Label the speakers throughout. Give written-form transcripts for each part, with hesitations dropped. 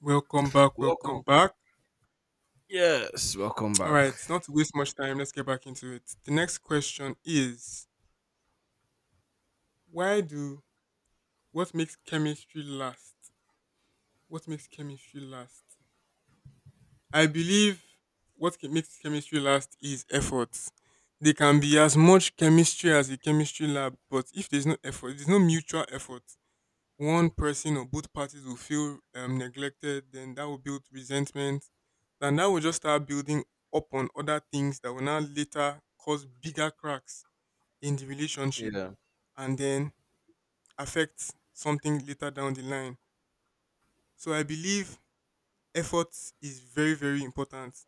Speaker 1: Welcome back,
Speaker 2: Welcome.
Speaker 1: welcome back.
Speaker 2: Yes, welcome
Speaker 1: All
Speaker 2: back.
Speaker 1: right, not to waste much time, let's get back into it. The next question is why do what makes chemistry last? What makes chemistry last? I believe makes chemistry last is effort. They can be as much chemistry as a chemistry lab, but if there's no effort, there's no mutual effort. One person or both parties will feel neglected, then that will build resentment. And that will just start building up on other things that will now later cause bigger cracks in the relationship
Speaker 2: Yeah.
Speaker 1: and then affect something later down the line. So I believe effort is very, very important.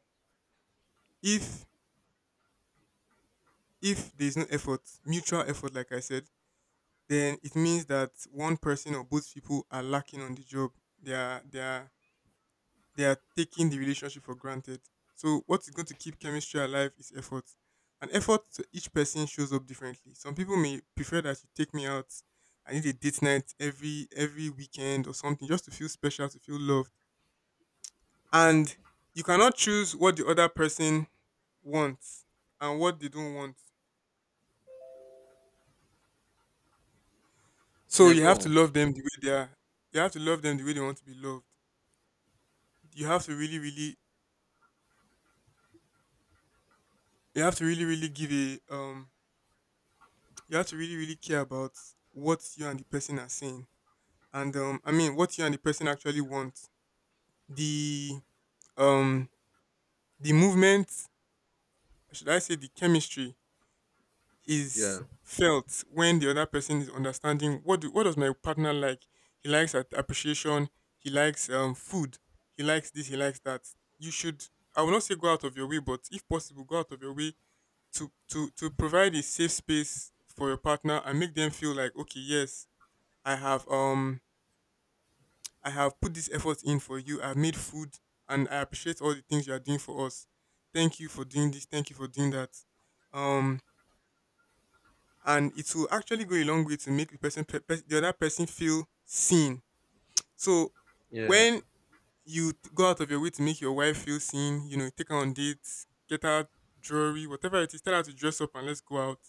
Speaker 1: If if there's no effort, mutual effort, like I said, then it means that one person or both people are lacking on the job. They are they are taking the relationship for granted. So what is going to keep chemistry alive is effort. And effort to each person shows up differently. Some people may prefer that you take me out. I need a date night every weekend or something just to feel special, to feel loved. And you cannot choose what the other person wants and what they don't want. So
Speaker 2: Yeah,
Speaker 1: you
Speaker 2: go
Speaker 1: have to
Speaker 2: on.
Speaker 1: love them the way they are. You have to love them the way they want to be loved. You have to really, really you have to really, really give a you have to really really care about what you and the person are saying and what you and the person actually want the um the movement, should I say the chemistry,
Speaker 2: Yeah.
Speaker 1: is felt when the other person is understanding what does my partner like. He likes appreciation, he likes food, he likes this, he likes that. You should, I will not say go out of your way but if possible go out of your way to provide a safe space for your partner and make them feel like, okay, yes, I have um I have put this effort in for you. I've made food and I appreciate all the things you are doing for us. Thank you for doing this. Thank you for doing that. Um, and it will actually go a long way to make the other person feel seen. So
Speaker 2: Yeah.
Speaker 1: when you go out of your way to make your wife feel seen, you know, take her on dates, get her jewelry, whatever it is, tell her to dress up and let's go out.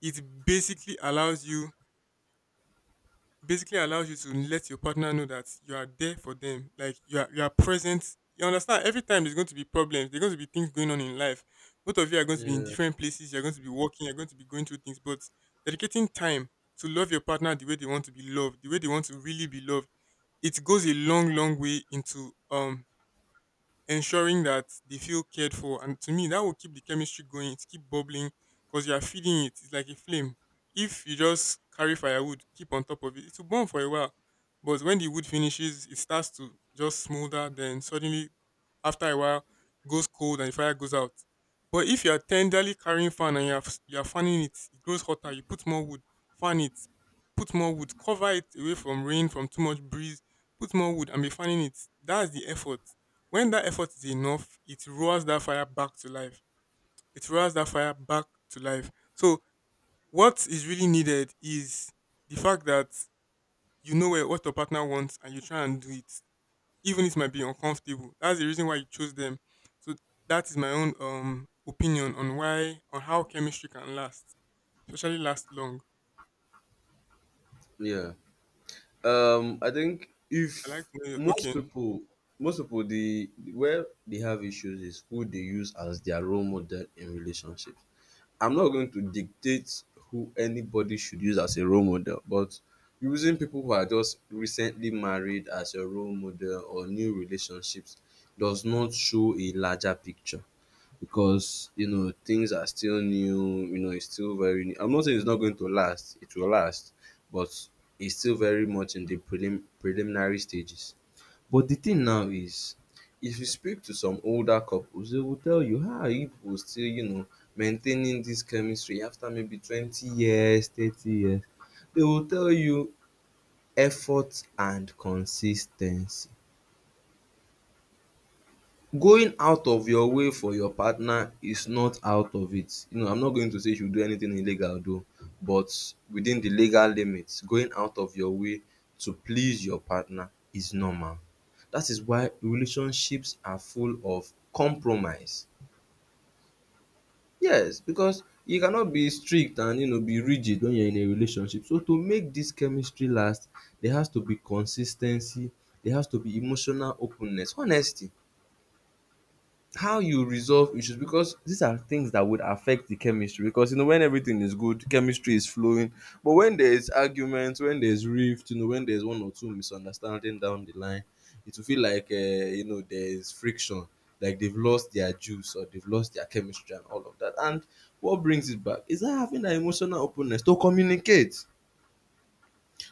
Speaker 1: It basically allows you to let your partner know that you are there for them. Like, you are present. You understand every time there's going to be problems, there's going to be things going on in life. Both of you are going to be in
Speaker 2: Yeah.
Speaker 1: different places, you're going to be working, you're going to be going through things, but dedicating time to love your partner the way they want to be loved, the way they want to really be loved, it goes a long, long way into ensuring that they feel cared for. And to me, that will keep the chemistry going. It keep bubbling because you are feeding it. It's like a flame. If you just carry firewood, keep on top of it, it will burn for a while. But when the wood finishes, it starts to just smolder. Then suddenly, after a while, goes cold and the fire goes out. But if you are tenderly carrying fan and you are, you are fanning it, it grows hotter. You put more wood, fan it, put more wood, cover it away from rain, from too much breeze, put more wood and be fanning it. That's the effort. When that effort is enough, it roars that fire back to life. It roars that fire back to life. So what is really needed is the fact that you know what your partner wants and you try and do it. Even if it might be uncomfortable. That's the reason why you chose them. So that is my own opinion on why on how chemistry can last, especially last long.
Speaker 2: Yeah. I think if
Speaker 1: I like to know your
Speaker 2: most
Speaker 1: okay.
Speaker 2: people most people the where they have issues is who they use as their role model in relationships. I'm not going to dictate who anybody should use as a role model, but using people who are just recently married as a role model or new relationships does not show a larger picture. Because you know things are still new, you know, it's still very new. I'm not saying it's not going to last, it will last, but it's still very much in the preliminary stages. But the thing now is, if you speak to some older couples, they will tell you, how are you people still, you know, maintaining this chemistry after maybe 20 years, 30 years? They will tell you effort and consistency. Going out of your way for your partner is not out of it. You know, I'm not going to say you should do anything illegal though, but within the legal limits, going out of your way to please your partner is normal. That is why relationships are full of compromise. Yes, because you cannot be strict and, you know, be rigid when you're in a relationship. So to make this chemistry last, there has to be consistency. There has to be emotional openness, honesty, how you resolve issues, because these are things that would affect the chemistry. Because you know, when everything is good, chemistry is flowing, but when there is arguments, when there's rift, you know, when there's one or two misunderstanding down the line, it will feel like, you know, there's friction, like they've lost their juice or they've lost their chemistry and all of that. And what brings it back is that having that emotional openness to communicate.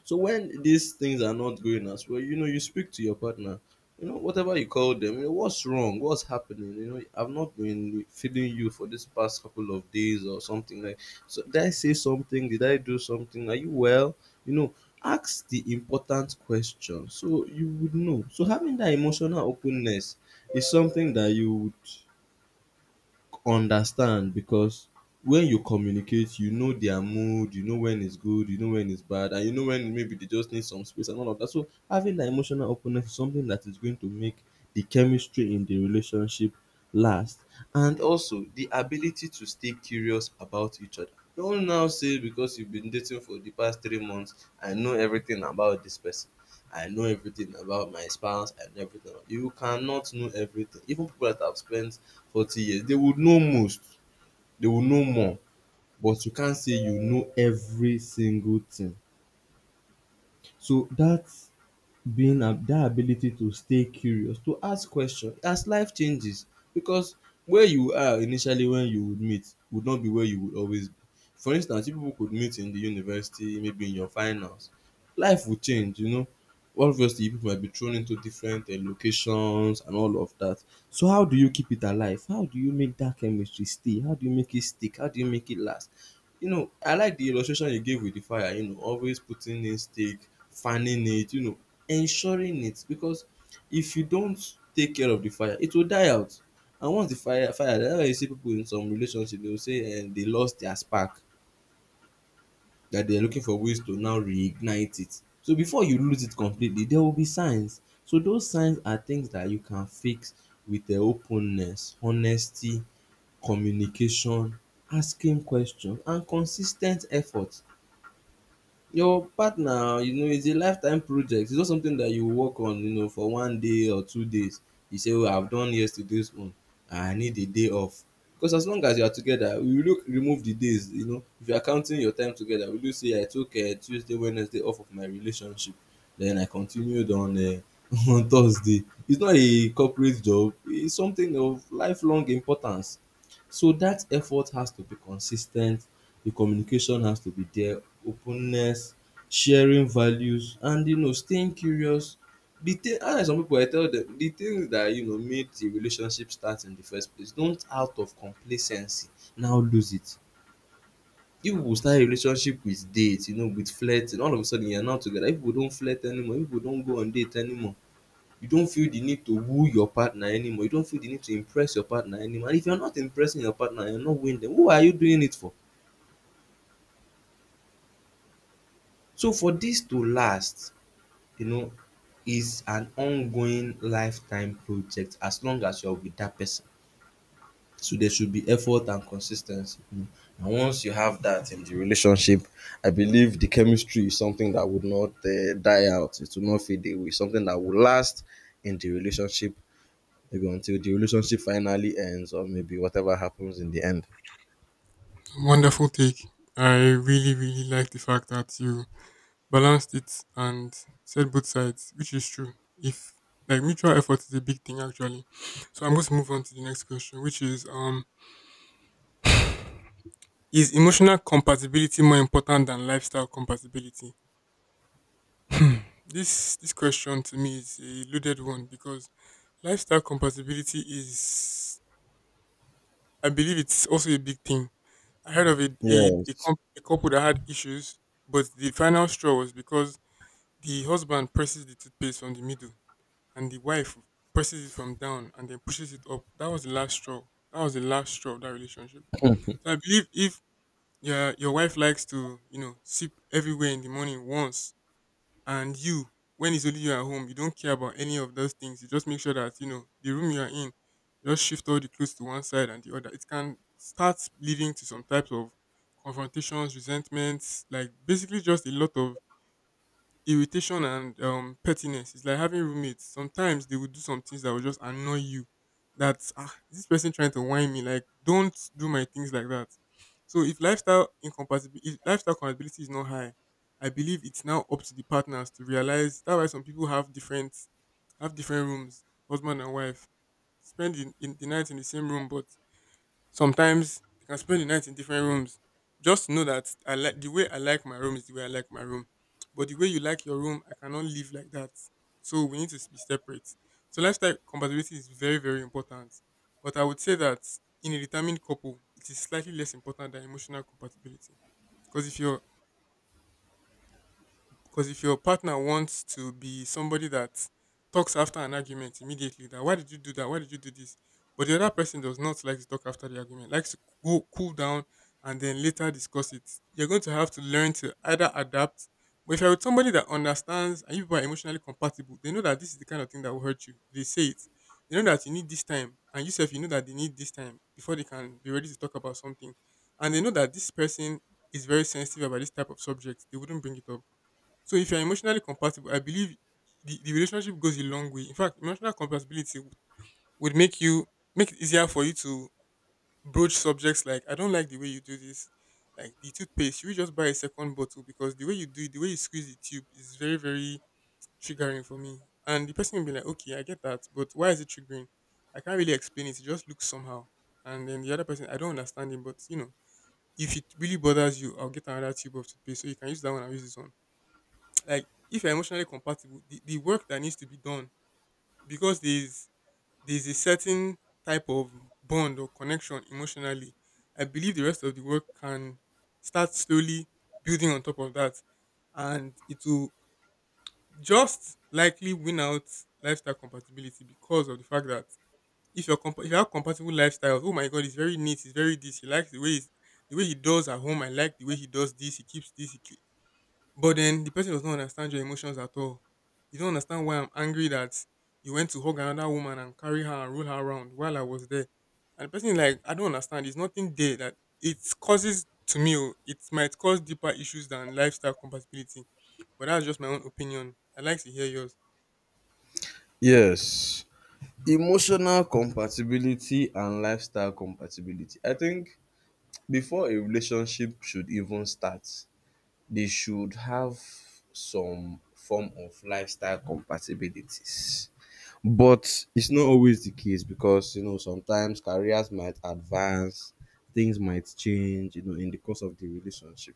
Speaker 2: So when these things are not going as well, you know, you speak to your partner. You know, whatever you call them, you know, what's wrong, what's happening. You know, I've not been feeding you for this past couple of days or something like. So did I say something? Did I do something? Are you well? You know, ask the important question so you would know. So having that emotional openness is something that you would understand because when you communicate, you know their mood, you know when it's good, you know when it's bad, and you know when maybe they just need some space and all of that. So having that emotional openness is something that is going to make the chemistry in the relationship last. And also the ability to stay curious about each other. Don't now say because you've been dating for the past 3 months, I know everything about this person, I know everything about my spouse and everything. You cannot know everything. Even people that have spent 40 years, they would know most, they would know more, but you can't say you know every single thing. So that being ab dat ability to stay curious, to ask question as life changes. Because where you are initially when you would meet would not be where you would always be. For instance, you people could meet in the university, maybe in your finals. Life would change, you know. Obviously, people might be thrown into different locations and all of that. So how do you keep it alive? How do you make that chemistry stay? How do you make it stick? How do you make it last? You know, I like the illustration you gave with the fire, you know, always putting in stake, fanning it, you know, ensuring it. Because if you don't take care of the fire, it will die out. And once the fire die, that's why you see people in some relationship, they will say they lost their spark, that they are looking for ways to now reignite it. So before you lose it completely, there will be signs. So those signs are things that you can fix with openness, honesty, communication, asking question, and consis ten t effort. Your partner, you know, it's a lifetime project. It's not something that you work on, you know, for one day or 2 days. You say, "Oh, I've done yesterday's own. I need a day off." Because as long as you are together, we will look remove the days, you know. If you are counting your time together, will you say I took Tuesday, Wednesday off of my relationship, then I continued on on Thursday. It's not a corporate job. It's something of lifelong importance. So that effort has to be consistent, the communication has to be there, openness, sharing values, and you know, staying curious. The thing how some people, I tell dem the things that you know made the relationship start in the first place, don't out of complacency now lose it. If you start a relationship with date, you know, with flirting, all of a sudden you are now together. If you don't flirt anymore, if you don't go on date anymore, you don't feel the need to woo your partner anymore, you don't feel the need to impress your partner anymore. And if you're not impressing your partner, you're not winning them, who are you doing it for? So for this to last, you know, is an ongoing lifetime project as long as you're with that person. So there should be effort and consistency. Mm. And once you have that in the relationship, I believe the chemistry is something that would not die out, it will not fade away, something that will last in the relationship, maybe until the relationship finally ends or maybe whatever happens in the end.
Speaker 1: Wonderful take. I really, really like the fact that you balanced it and said both sides, which is true. If like mutual effort is a big thing actually. So I'm going to move on to the next question, which is emotional compatibility more important than lifestyle compatibility? Hmm. This question to me is a loaded one because lifestyle compatibility is, I believe it's also a big thing. I heard of
Speaker 2: Yes.
Speaker 1: a couple that had issues, but the final straw was because the husband presses the toothpaste from the middle and the wife presses it from down and then pushes it up. That was the last straw. That was the last straw of that relationship. So I believe if your wife likes to, you know, sip everywhere in the morning once and you, when it's only you at home, you don't care about any of those things. You just make sure that, you know, the room you are in, just shift all the clothes to one side and the other. It can start leading to some types of confrontations, resentments, like basically just a lot of irritation and pettiness. It's like having roommates. Sometimes they would do some things that would just annoy you. That, ah, is this person trying to whine me? Like, don't do my things like that. So if lifestyle compatibility is not high, I believe it's now up to the partners to realize. That's why some people have different rooms, husband and wife, spend in the night in the same room, but sometimes you can spend the night in different rooms. Just know that I like my room is the way I like my room. But the way you like your room, I cannot live like that. So we need to be separate. So lifestyle compatibility is very, very important. But I would say that in a determined couple, it is slightly less important than emotional compatibility. Because if you're because if your partner wants to be somebody that talks after an argument immediately, that why did you do that? Why did you do this? But the other person does not like to talk after the argument, likes to go cool down and then later discuss it. You're going to have to learn to either adapt. But if you're with somebody that understands and you people are emotionally compatible, they know that this is the kind of thing that will hurt you. They say it. They know that you need this time, and yourself, you know that they need this time before they can be ready to talk about something. And they know that this person is very sensitive about this type of subject. They wouldn't bring it up. So if you're emotionally compatible, I believe the relationship goes a long way. In fact, would make you make it easier for you to broach subjects like I don't like the way you do this. Like the toothpaste, should we just buy a second bottle because the way you do it, the way you squeeze the tube is very, very triggering for me. And the person will be like, okay, I get that, but why is it triggering? I can't really explain it. It just looks somehow. And then the other person, I don't understand it, but you know, if it really bothers you, I'll get another tube of toothpaste. So you can use that one and use this one. Like if you're emotionally compatible, the work that needs to be done, because there's a certain type of bond or connection emotionally, I believe the rest of the work can start slowly building on top of that, and it will just likely win out lifestyle compatibility, because of the fact that if you have compatible lifestyles, oh my God, it's very neat, it's very this, he likes the way he's, the way he does at home. I like the way he does this, he keeps this, but then the person does not understand your emotions at all. You don't understand why I'm angry that you went to hug another woman and carry her and roll her around while I was there. And the person is like, I don't understand. There's nothing there that it causes to me. Oh, it might cause deeper issues than lifestyle compatibility. But that's just my own opinion. I'd like to hear yours.
Speaker 2: Yes. Emotional compatibility and lifestyle compatibility. I think before a relationship should even start, they should have some form of lifestyle compatibilities. But it's not always the case because, you know, sometimes careers might advance, things might change, you know, in the course of the relationship.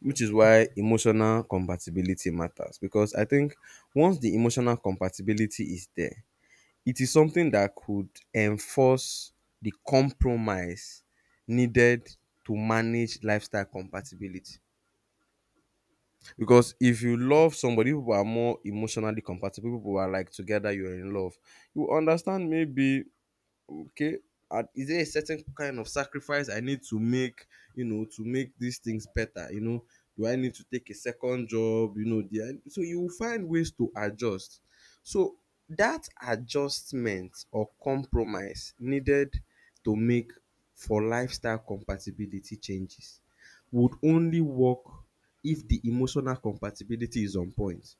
Speaker 2: Which is why emotional compatibility matters, because I think once the emotional compatibility is there, it is something that could enforce the compromise needed to manage lifestyle compatibility. Because if you love somebody, people who are more emotionally compatible, people who are like together, you're in love, you understand maybe, okay, and is there a certain kind of sacrifice I need to make, you know, to make these things better, you know, do I need to take a second job, you know, do I, so you will find ways to adjust. So that adjustment or compromise needed to make for lifestyle compatibility changes would only work if the emotional compatibility is on point.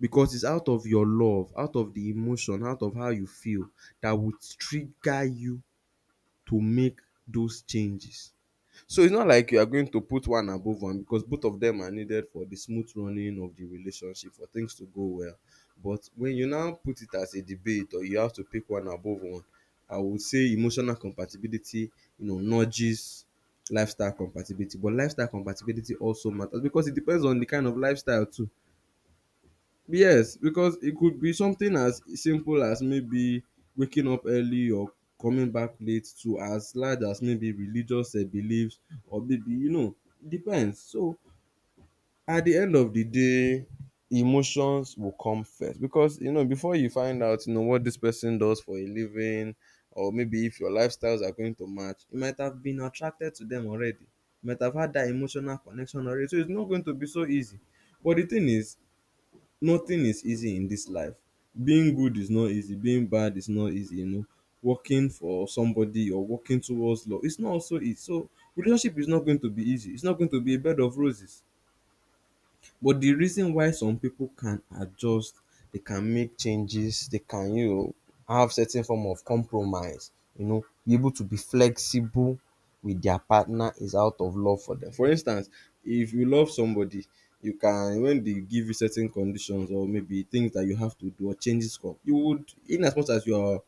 Speaker 2: Because it's out of your love, out of the emotion, out of how you feel, that would trigger you to make those changes. So it's not like you are going to put one above one, because both of them are needed for the smooth running of the relationship for things to go well. But when you now put it as a debate or you have to pick one above one, I would say emotional compatibility, you know, nudges lifestyle compatibility. But lifestyle compatibility also matters because it depends on the kind of lifestyle too. Yes, because it could be something as simple as maybe waking up early or coming back late, to as large as maybe religious beliefs or maybe, you know, depends. So at the end of the day, emotions will come first, because you know before you find out, you know, what this person does for a living or maybe if your lifestyles are going to match, you might have been attracted to them already. You might have had that emotional connection already. So it's not going to be so easy. But the thing is, nothing is easy in this life. Being good is not easy, being bad is not easy, you know. Working for somebody or working towards law, it's not also easy. So relationship is not going to be easy. It's not going to be a bed of roses. But the reason why some people can adjust, they can make changes, they can, you know, have certain form of compromise, you know, be able to be flexible with their partner, is out of love for them. For instance, if you love somebody, you can, when they give you certain conditions or maybe things that you have to do or changes come, you would, in as much as you are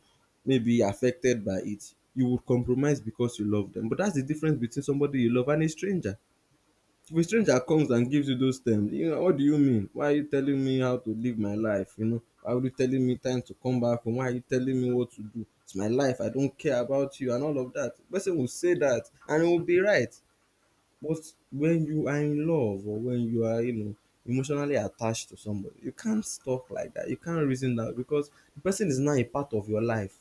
Speaker 2: maybe affected by it, you would compromise because you love them. But that's the difference between somebody you love and a stranger. If a stranger comes and gives you those terms, you know, what do you mean? Why are you telling me how to live my life? You know, why are you telling me time to come back home? Why are you telling me what to do? It's my life. I don't care about you and all of that. Person will say that and it will be right. But when you are in love or when you are, emotionally attached to somebody, you can't talk like that. You can't reason that because the person is now a part of your life.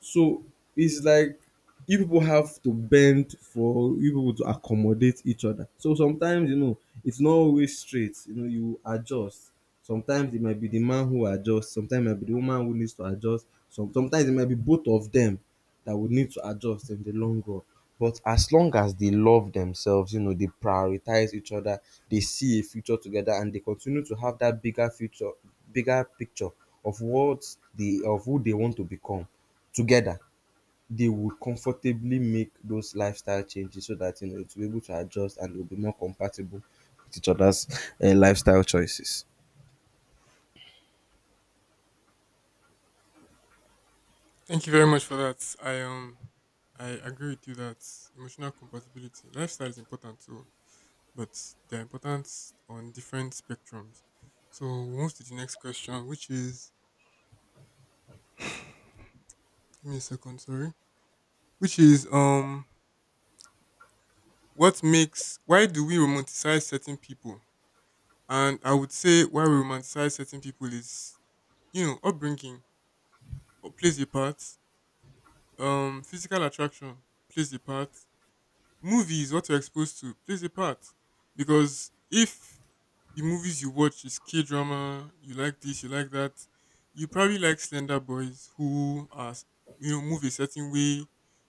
Speaker 2: So it's like you people have to bend for you people to accommodate each other. So sometimes, it's not always straight. You adjust. Sometimes it might be the man who adjusts, sometimes it might be the woman who needs to adjust. Sometimes it might be both of them that would need to adjust in the long run. But as long as they love themselves, they prioritize each other, they see a future together and they continue to have that bigger future, bigger picture of what they of who they want to become together, they would comfortably make those lifestyle changes so that to be able to adjust and will be more compatible with each other's lifestyle choices.
Speaker 1: Thank you very much for that. I I agree with you that emotional compatibility. Lifestyle is important too. But they're important on different spectrums. So we'll move to the next question, which is, give me a second, sorry. Which is, what makes why do we romanticize certain people? And I would say why we romanticize certain people is upbringing, plays a part, physical attraction plays a part, movies, what you're exposed to, plays a part. Because if the movies you watch is K drama, you like this, you like that, you probably like slender boys who are you know move a certain way.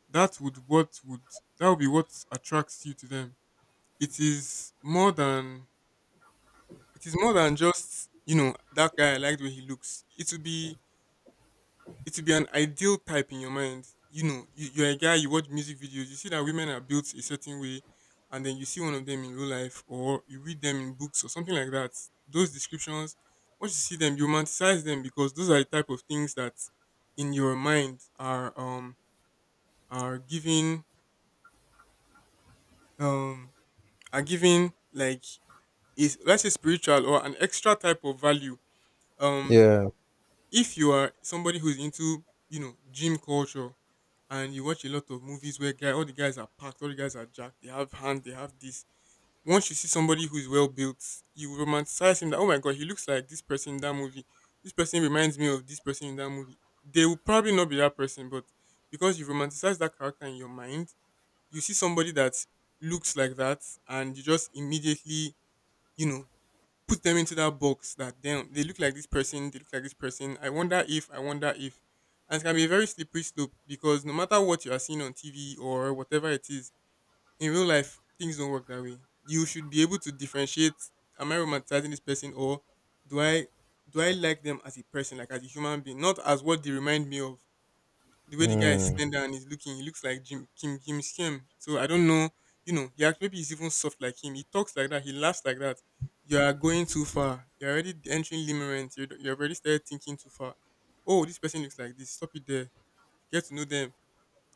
Speaker 1: That would what would that would be what attracts you to them. It is more than it is more than just that guy. I liked the way he looks. It will be an ideal type in your mind. You're a guy, you watch music videos, you see that women are built a certain way, and then you see one of them in real life, or you read them in books or something like that. Those descriptions, once you see them, you romanticize them because those are the type of things that in your mind are are giving um are giving, like, is, let's say, spiritual or an extra type of value. Um
Speaker 2: Yeah.
Speaker 1: if you are somebody who's into gym culture and you watch a lot of movies where guy all the guys are packed, all the guys are jacked, they have hands, they have this. Once you see somebody who is well built, you will romanticize him that oh my god, he looks like this person in that movie. This person reminds me of this person in that movie. They will probably not be that person, but because you romanticize that character in your mind, you see somebody that looks like that and you just immediately, you know, put them into that box that damn they look like this person, they look like this person. I wonder if, I wonder if. And it can be a very slippery slope because no matter what you are seeing on TV or whatever it is, in real life things don't work that way. You should be able to differentiate, am I romanticizing this person or do I do I like them as a person, like as a human being, not as what they remind me of? The way the guy is
Speaker 2: Mm.
Speaker 1: slender and he's looking, he looks like Jim Kim Kim Skim. So I don't know, you know, he actually maybe he's even soft like him. He talks like that, he laughs like that. You are going too far. You're already entering limerence. You have already started thinking too far. Oh, this person looks like this. Stop it there. Get to know them.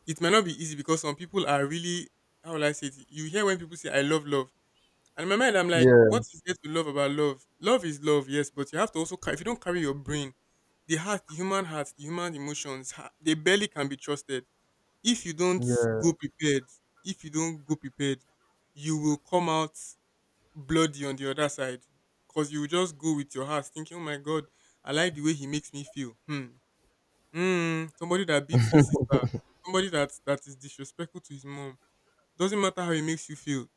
Speaker 1: It might not be easy because some people are really, how will I say it? You hear when people say I love love. And in my mind, I'm like,
Speaker 2: Yeah.
Speaker 1: what is there to love about love? Love is love, yes, but you have to also carry, if you don't carry your brain, the heart, the human emotions, they barely can be trusted if you don't go prepared, if you don't go prepared, you will come out bloody on the other side because you will just go with your heart thinking, oh my God, I like the way he makes me feel. Hmm. Hmm. Somebody that beats his sister, somebody that is disrespectful to his mom. Doesn't matter how he makes you feel.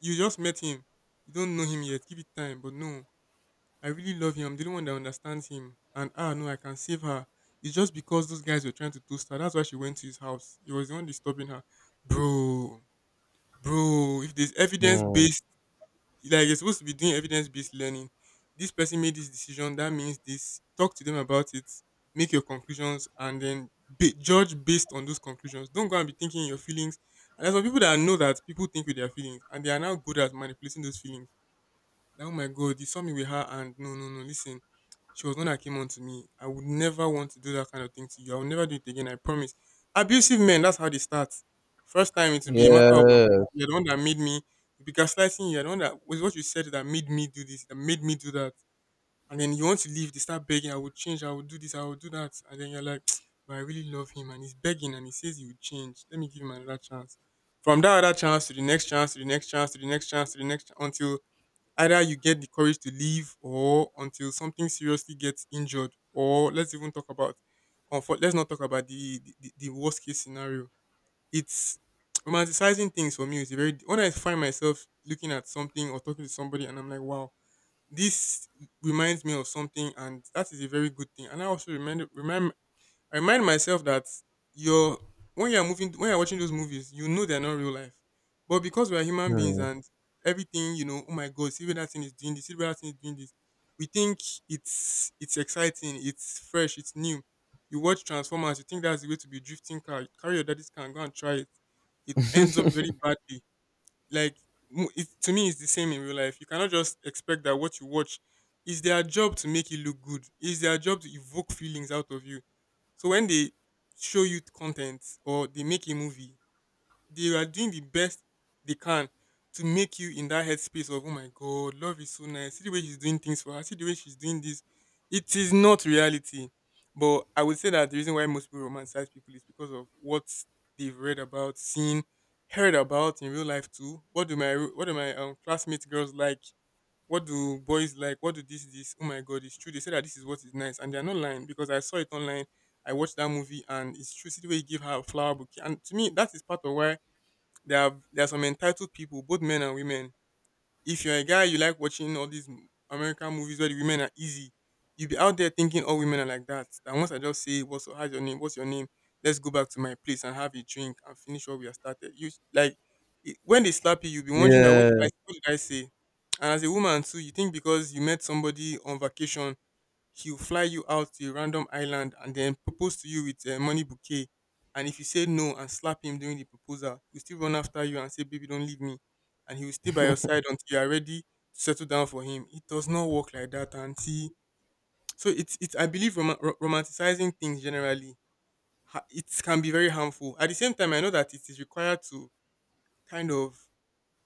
Speaker 1: You just met him. You don't know him yet. Give it time. But no. I really love him. I'm the only one that understands him. And ah, no, I can save her. It's just because those guys were trying to toast her. That's why she went to his house. He was the one disturbing her. Bro, bro, if there's evidence
Speaker 2: Mm.
Speaker 1: based, like you're supposed to be doing evidence based learning, this person made this decision. That means this. Talk to them about it. Make your conclusions and then judge based on those conclusions. Don't go and be thinking your feelings. And there's some people that know that people think with their feelings and they are now good at manipulating those feelings that, oh my God, you saw me with her and no, no, no, listen, she was the one that came on to me. I would never want to do that kind of thing to you. I will never do it again, I promise. Abusive men, that's how they start. First time, it will be a matter of,
Speaker 2: Yes.
Speaker 1: you're the one that made me, be gaslighting you, you're the one that, was what you said that made me do this, that made me do that. And then you want to leave, they start begging, I will change, I will do this, I will do that. And then you're like, but I really love him and he's begging and he says he will change. Let me give him another chance. From that other chance to the next chance to the next chance to the next chance to the next chance until either you get the courage to leave or until something seriously gets injured. Or let's even talk about, or for, let's not talk about the worst case scenario. It's romanticizing things for me is a very, when I find myself looking at something or talking to somebody and I'm like, wow, this reminds me of something and that is a very good thing. And I also remember, remember I remind myself that you're when you're moving when you're watching those movies, you know they're not real life. But because we are human beings
Speaker 2: Mm.
Speaker 1: and everything, you know, oh my god, see where that thing is doing this, see where that thing is doing this. We think it's exciting, it's fresh, it's new. You watch Transformers, you think that's the way to be drifting car. Carry your daddy's car and go and try it. It ends up very badly, like to me it's the same. In real life you cannot just expect that what you watch, is their job to make it look good, it's their job to evoke feelings out of you, so when they show you content or they make a movie they are doing the best they can to make you in that headspace of oh my god, love is so nice. See the way she's doing things for her. See the way she's doing this. It is not reality. But I would say that the reason why most people romanticize people is because of what they've read about, seen, heard about in real life too. What do my classmates girls like? What do boys like? What do this this? Oh my god, it's true. They say that this is what is nice, and they are not lying because I saw it online. I watched that movie, and it's true. See the way you give her a flower bouquet, and to me, that is part of why there are some entitled people, both men and women. If you're a guy, you like watching all these American movies where the women are easy. You'll be out there thinking all women are like that. And once I just say, "What's how's your name? What's your name? Let's go back to my place and have a drink and finish what we have started." You s- like it- When they slap you, you'll be wondering that
Speaker 2: Yeah.
Speaker 1: what did I say? And as a woman too, you think because you met somebody on vacation he will fly you out to a random island and then propose to you with a money bouquet. And if you say no and slap him during the proposal, he'll still run after you and say, baby, don't leave me. And he will stay by your side until you are ready to settle down for him. It does not work like that, Auntie. So it's I believe, romanticizing things generally, it can be very harmful. At the same time, I know that it is required to kind of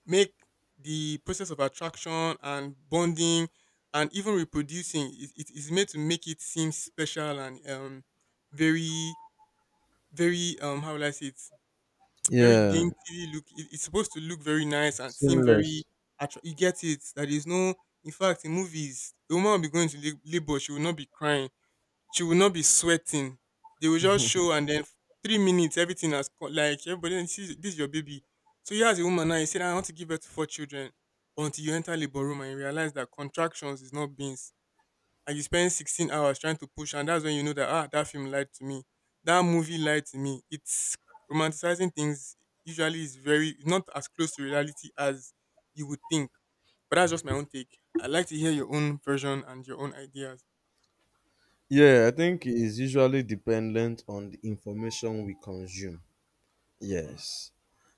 Speaker 1: make the process of attraction and bonding and even reproducing it, it is made to make it seem special and very very, how will I say it, very
Speaker 2: Yeah.
Speaker 1: dainty, look, it, it's supposed to look very nice and seem very
Speaker 2: Seamless.
Speaker 1: you get it, that is no, in fact in movies the woman will be going to labor, she will not be crying, she will not be sweating. They will just show and then 3 minutes, everything has like everybody this is your baby. So you as a woman now, you said I want to give birth to four children until you enter labor room and you realize that contractions is not beans. And you spend 16 hours trying to push, and that's when you know that ah, that film lied to me. That movie lied to me. It's, romanticizing things usually is very not as close to reality as you would think. But that's just my own take. I'd like to hear your own version and your own ideas.
Speaker 2: Yeah, I think it's usually dependent on the information we consume.
Speaker 1: Mm-hmm.
Speaker 2: Yes.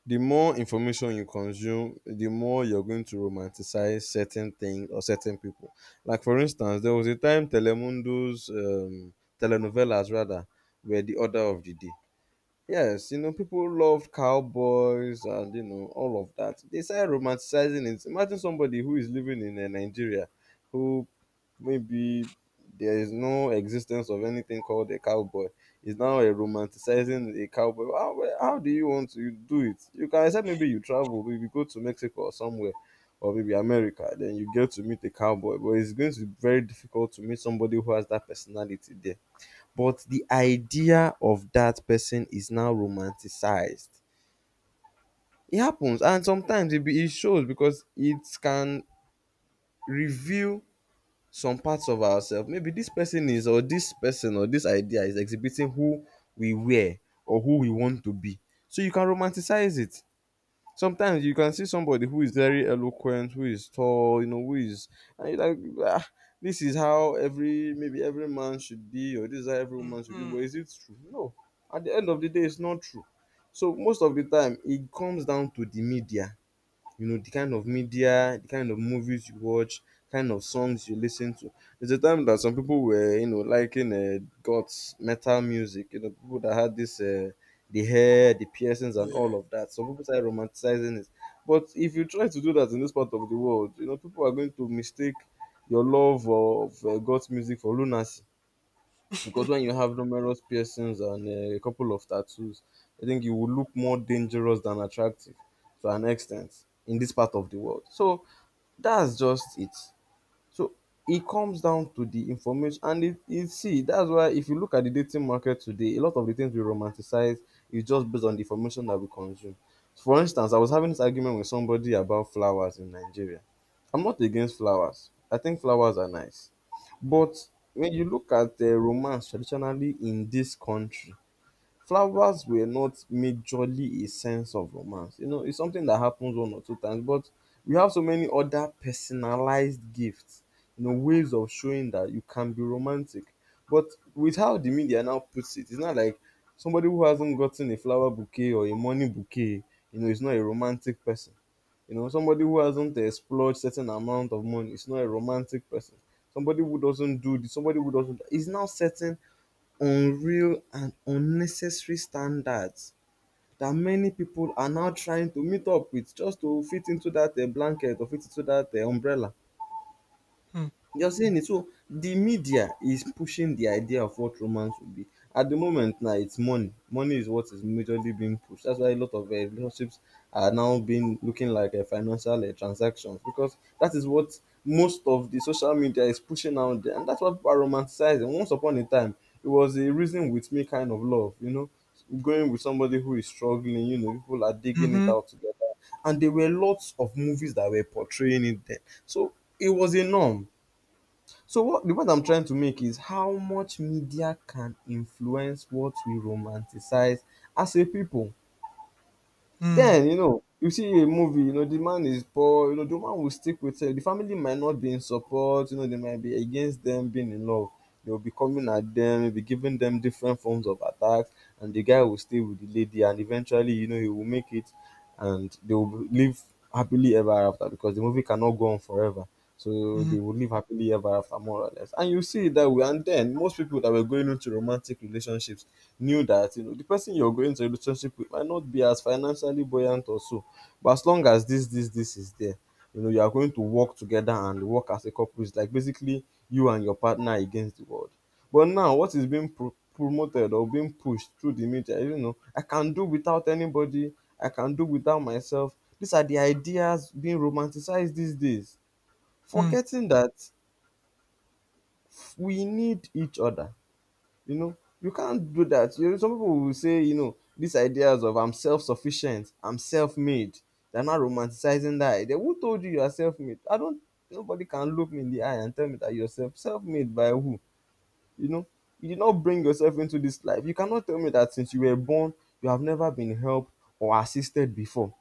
Speaker 2: The more information you consume, the more you're going to romanticize certain things or certain people. Like for instance, there was a time Telemundo's telenovelas rather were the order of the day. Yes, you know, people loved cowboys and you know all of that. They started romanticizing it. Imagine somebody who is living in Nigeria, who maybe there is no existence of anything called a cowboy. Is now a romanticizing a cowboy. How, well, how do you want to do it? You can say maybe you travel, maybe go to Mexico or somewhere, or maybe America. Then you get to meet a cowboy, but it's going to be very difficult to meet somebody who has that personality there, but the idea of that person is now romanticized. It happens, and sometimes it, be, it shows because it can reveal some parts of ourselves. Maybe this person is, or this person, or this idea is exhibiting who we were or who we want to be. So you can romanticize it. Sometimes you can see somebody who is very eloquent, who is tall, you know, who is and you're like, ah, this is how every maybe every man should be, or this is how every woman should be.
Speaker 1: Mm-hmm.
Speaker 2: But is it true? No. At the end of the day, it's not true. So most of the time, it comes down to the media, you know, the kind of media, the kind of movies you watch, kind of songs you listen to. There's a time that some people were, you know, liking god's metal music, you know, people that had this the hair, the piercings and all of that. Some people started romanticizing it, but if you try to do that in this part of the world, you know, people are going to mistake your love of god's music for lunacy, because when you have numerous piercings and a couple of tattoos, I think you will look more dangerous than attractive to an extent in this part of the world. So that's just it. So it comes down to the information, and it see that's why if you look at the dating market today, a lot of the things we romanticize is just based on the information that we consume. For instance, I was having this argument with somebody about flowers in Nigeria. I'm not against flowers. I think flowers are nice, but when you look at the romance traditionally in this country, flowers were not majorly a sense of romance. You know, it's something that happens one or two times, but we have so many other personalized gifts, you know, ways of showing that you can be romantic. But with how the media now puts it, it's not like somebody who hasn't gotten a flower bouquet or a money bouquet, you know, is not a romantic person. You know, somebody who hasn't explored certain amount of money is not a romantic person. Somebody who doesn't do this, somebody who doesn't is now setting unreal and unnecessary standards that many people are now trying to meet up with just to fit into that blanket or fit into that umbrella.
Speaker 1: うん、
Speaker 2: You're saying it. So the media is pushing the idea of what romance would be. At the moment now, it's money. Money is what is majorly being pushed. That's why a lot of relationships are now being looking like financial transactions, because that is what most of the social media is pushing out there, and that's what people are romanticizing. Once upon a time, it was a reason with me kind of love, you know, going with somebody who is struggling. You know, people are
Speaker 1: うん
Speaker 2: digging
Speaker 1: ふ
Speaker 2: it
Speaker 1: ん、
Speaker 2: out together, and there were lots of movies that were portraying it then. So it was a norm, so what the point I'm trying to make is how much media can influence what we romanticize as a people.
Speaker 1: うん、
Speaker 2: Then, you know, you see a movie, you know, the man is poor, you know, the man will stick with her. The family might not be in support, you know, they might be against them being in love. They'll be coming at them, they'll be giving them different forms of attacks, and the guy will stay with the lady, and eventually, you know, he will make it and they will live happily ever after, because the movie cannot go on forever.
Speaker 1: う
Speaker 2: So they
Speaker 1: ん、
Speaker 2: would live happily ever after, more or less. And you see it that way. And then most people that were going into romantic relationships knew that you know the person you're going to a relationship with might not be as financially buoyant or so. But as long as this, this, this is there, you know, you are going to work together and work as a couple. It's like basically you and your partner against the world. But now what is being promoted or being pushed through the media, you know, I can do without anybody, I can do without myself. These are the ideas being romanticized these days,
Speaker 1: うん、
Speaker 2: forgetting that we need each other. You know, you can't do that. You know, some people will say, you know, these ideas of I'm self-sufficient, I'm self-made. They're not romanticizing that idea. Who told you you are self-made? I don't. Nobody can look me in the eye and tell me that you're self-made by who? You know, you did not bring yourself into this life. You cannot tell me that since you were born, you have never been helped or assisted before.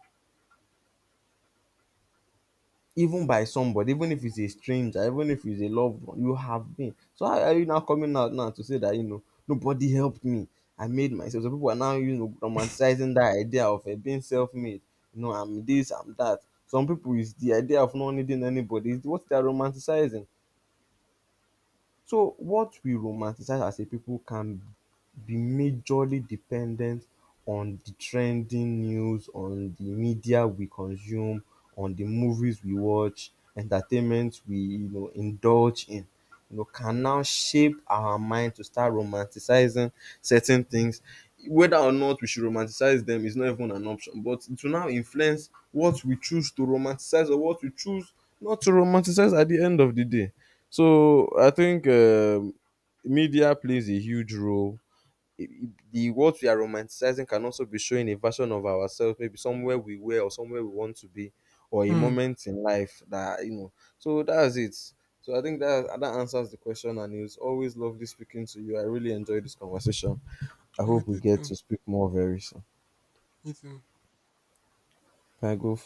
Speaker 2: Even by somebody, even if it's a stranger, even if it's a loved one, you have been. So how are you now coming out now to say that you know nobody helped me? I made myself. So people are now you know romanticizing that idea of it being self-made. You know, I'm this, I'm that. Some people is the idea of not needing anybody. It's what they're romanticizing. So what we romanticize as a people can be majorly dependent on the trending news, on the media we consume, on the movies we watch, entertainment we you know indulge in. You know, can now shape our mind to start romanticizing certain things. Whether or not we should romanticize them is not even an option, but it will now influence what we choose to romanticize or what we choose not to romanticize at the end of the day. So I think media plays a huge role. The what we are romanticizing can also be showing a version of ourselves, maybe somewhere we were or somewhere we want to be, or a
Speaker 1: うん。
Speaker 2: moment in life that you know. So that's it. So I think that that answers the question, and it was always lovely speaking to you. I really enjoyed this conversation. I
Speaker 1: い
Speaker 2: hope we
Speaker 1: つ、
Speaker 2: get to speak more very soon.
Speaker 1: いつ、
Speaker 2: Can I go?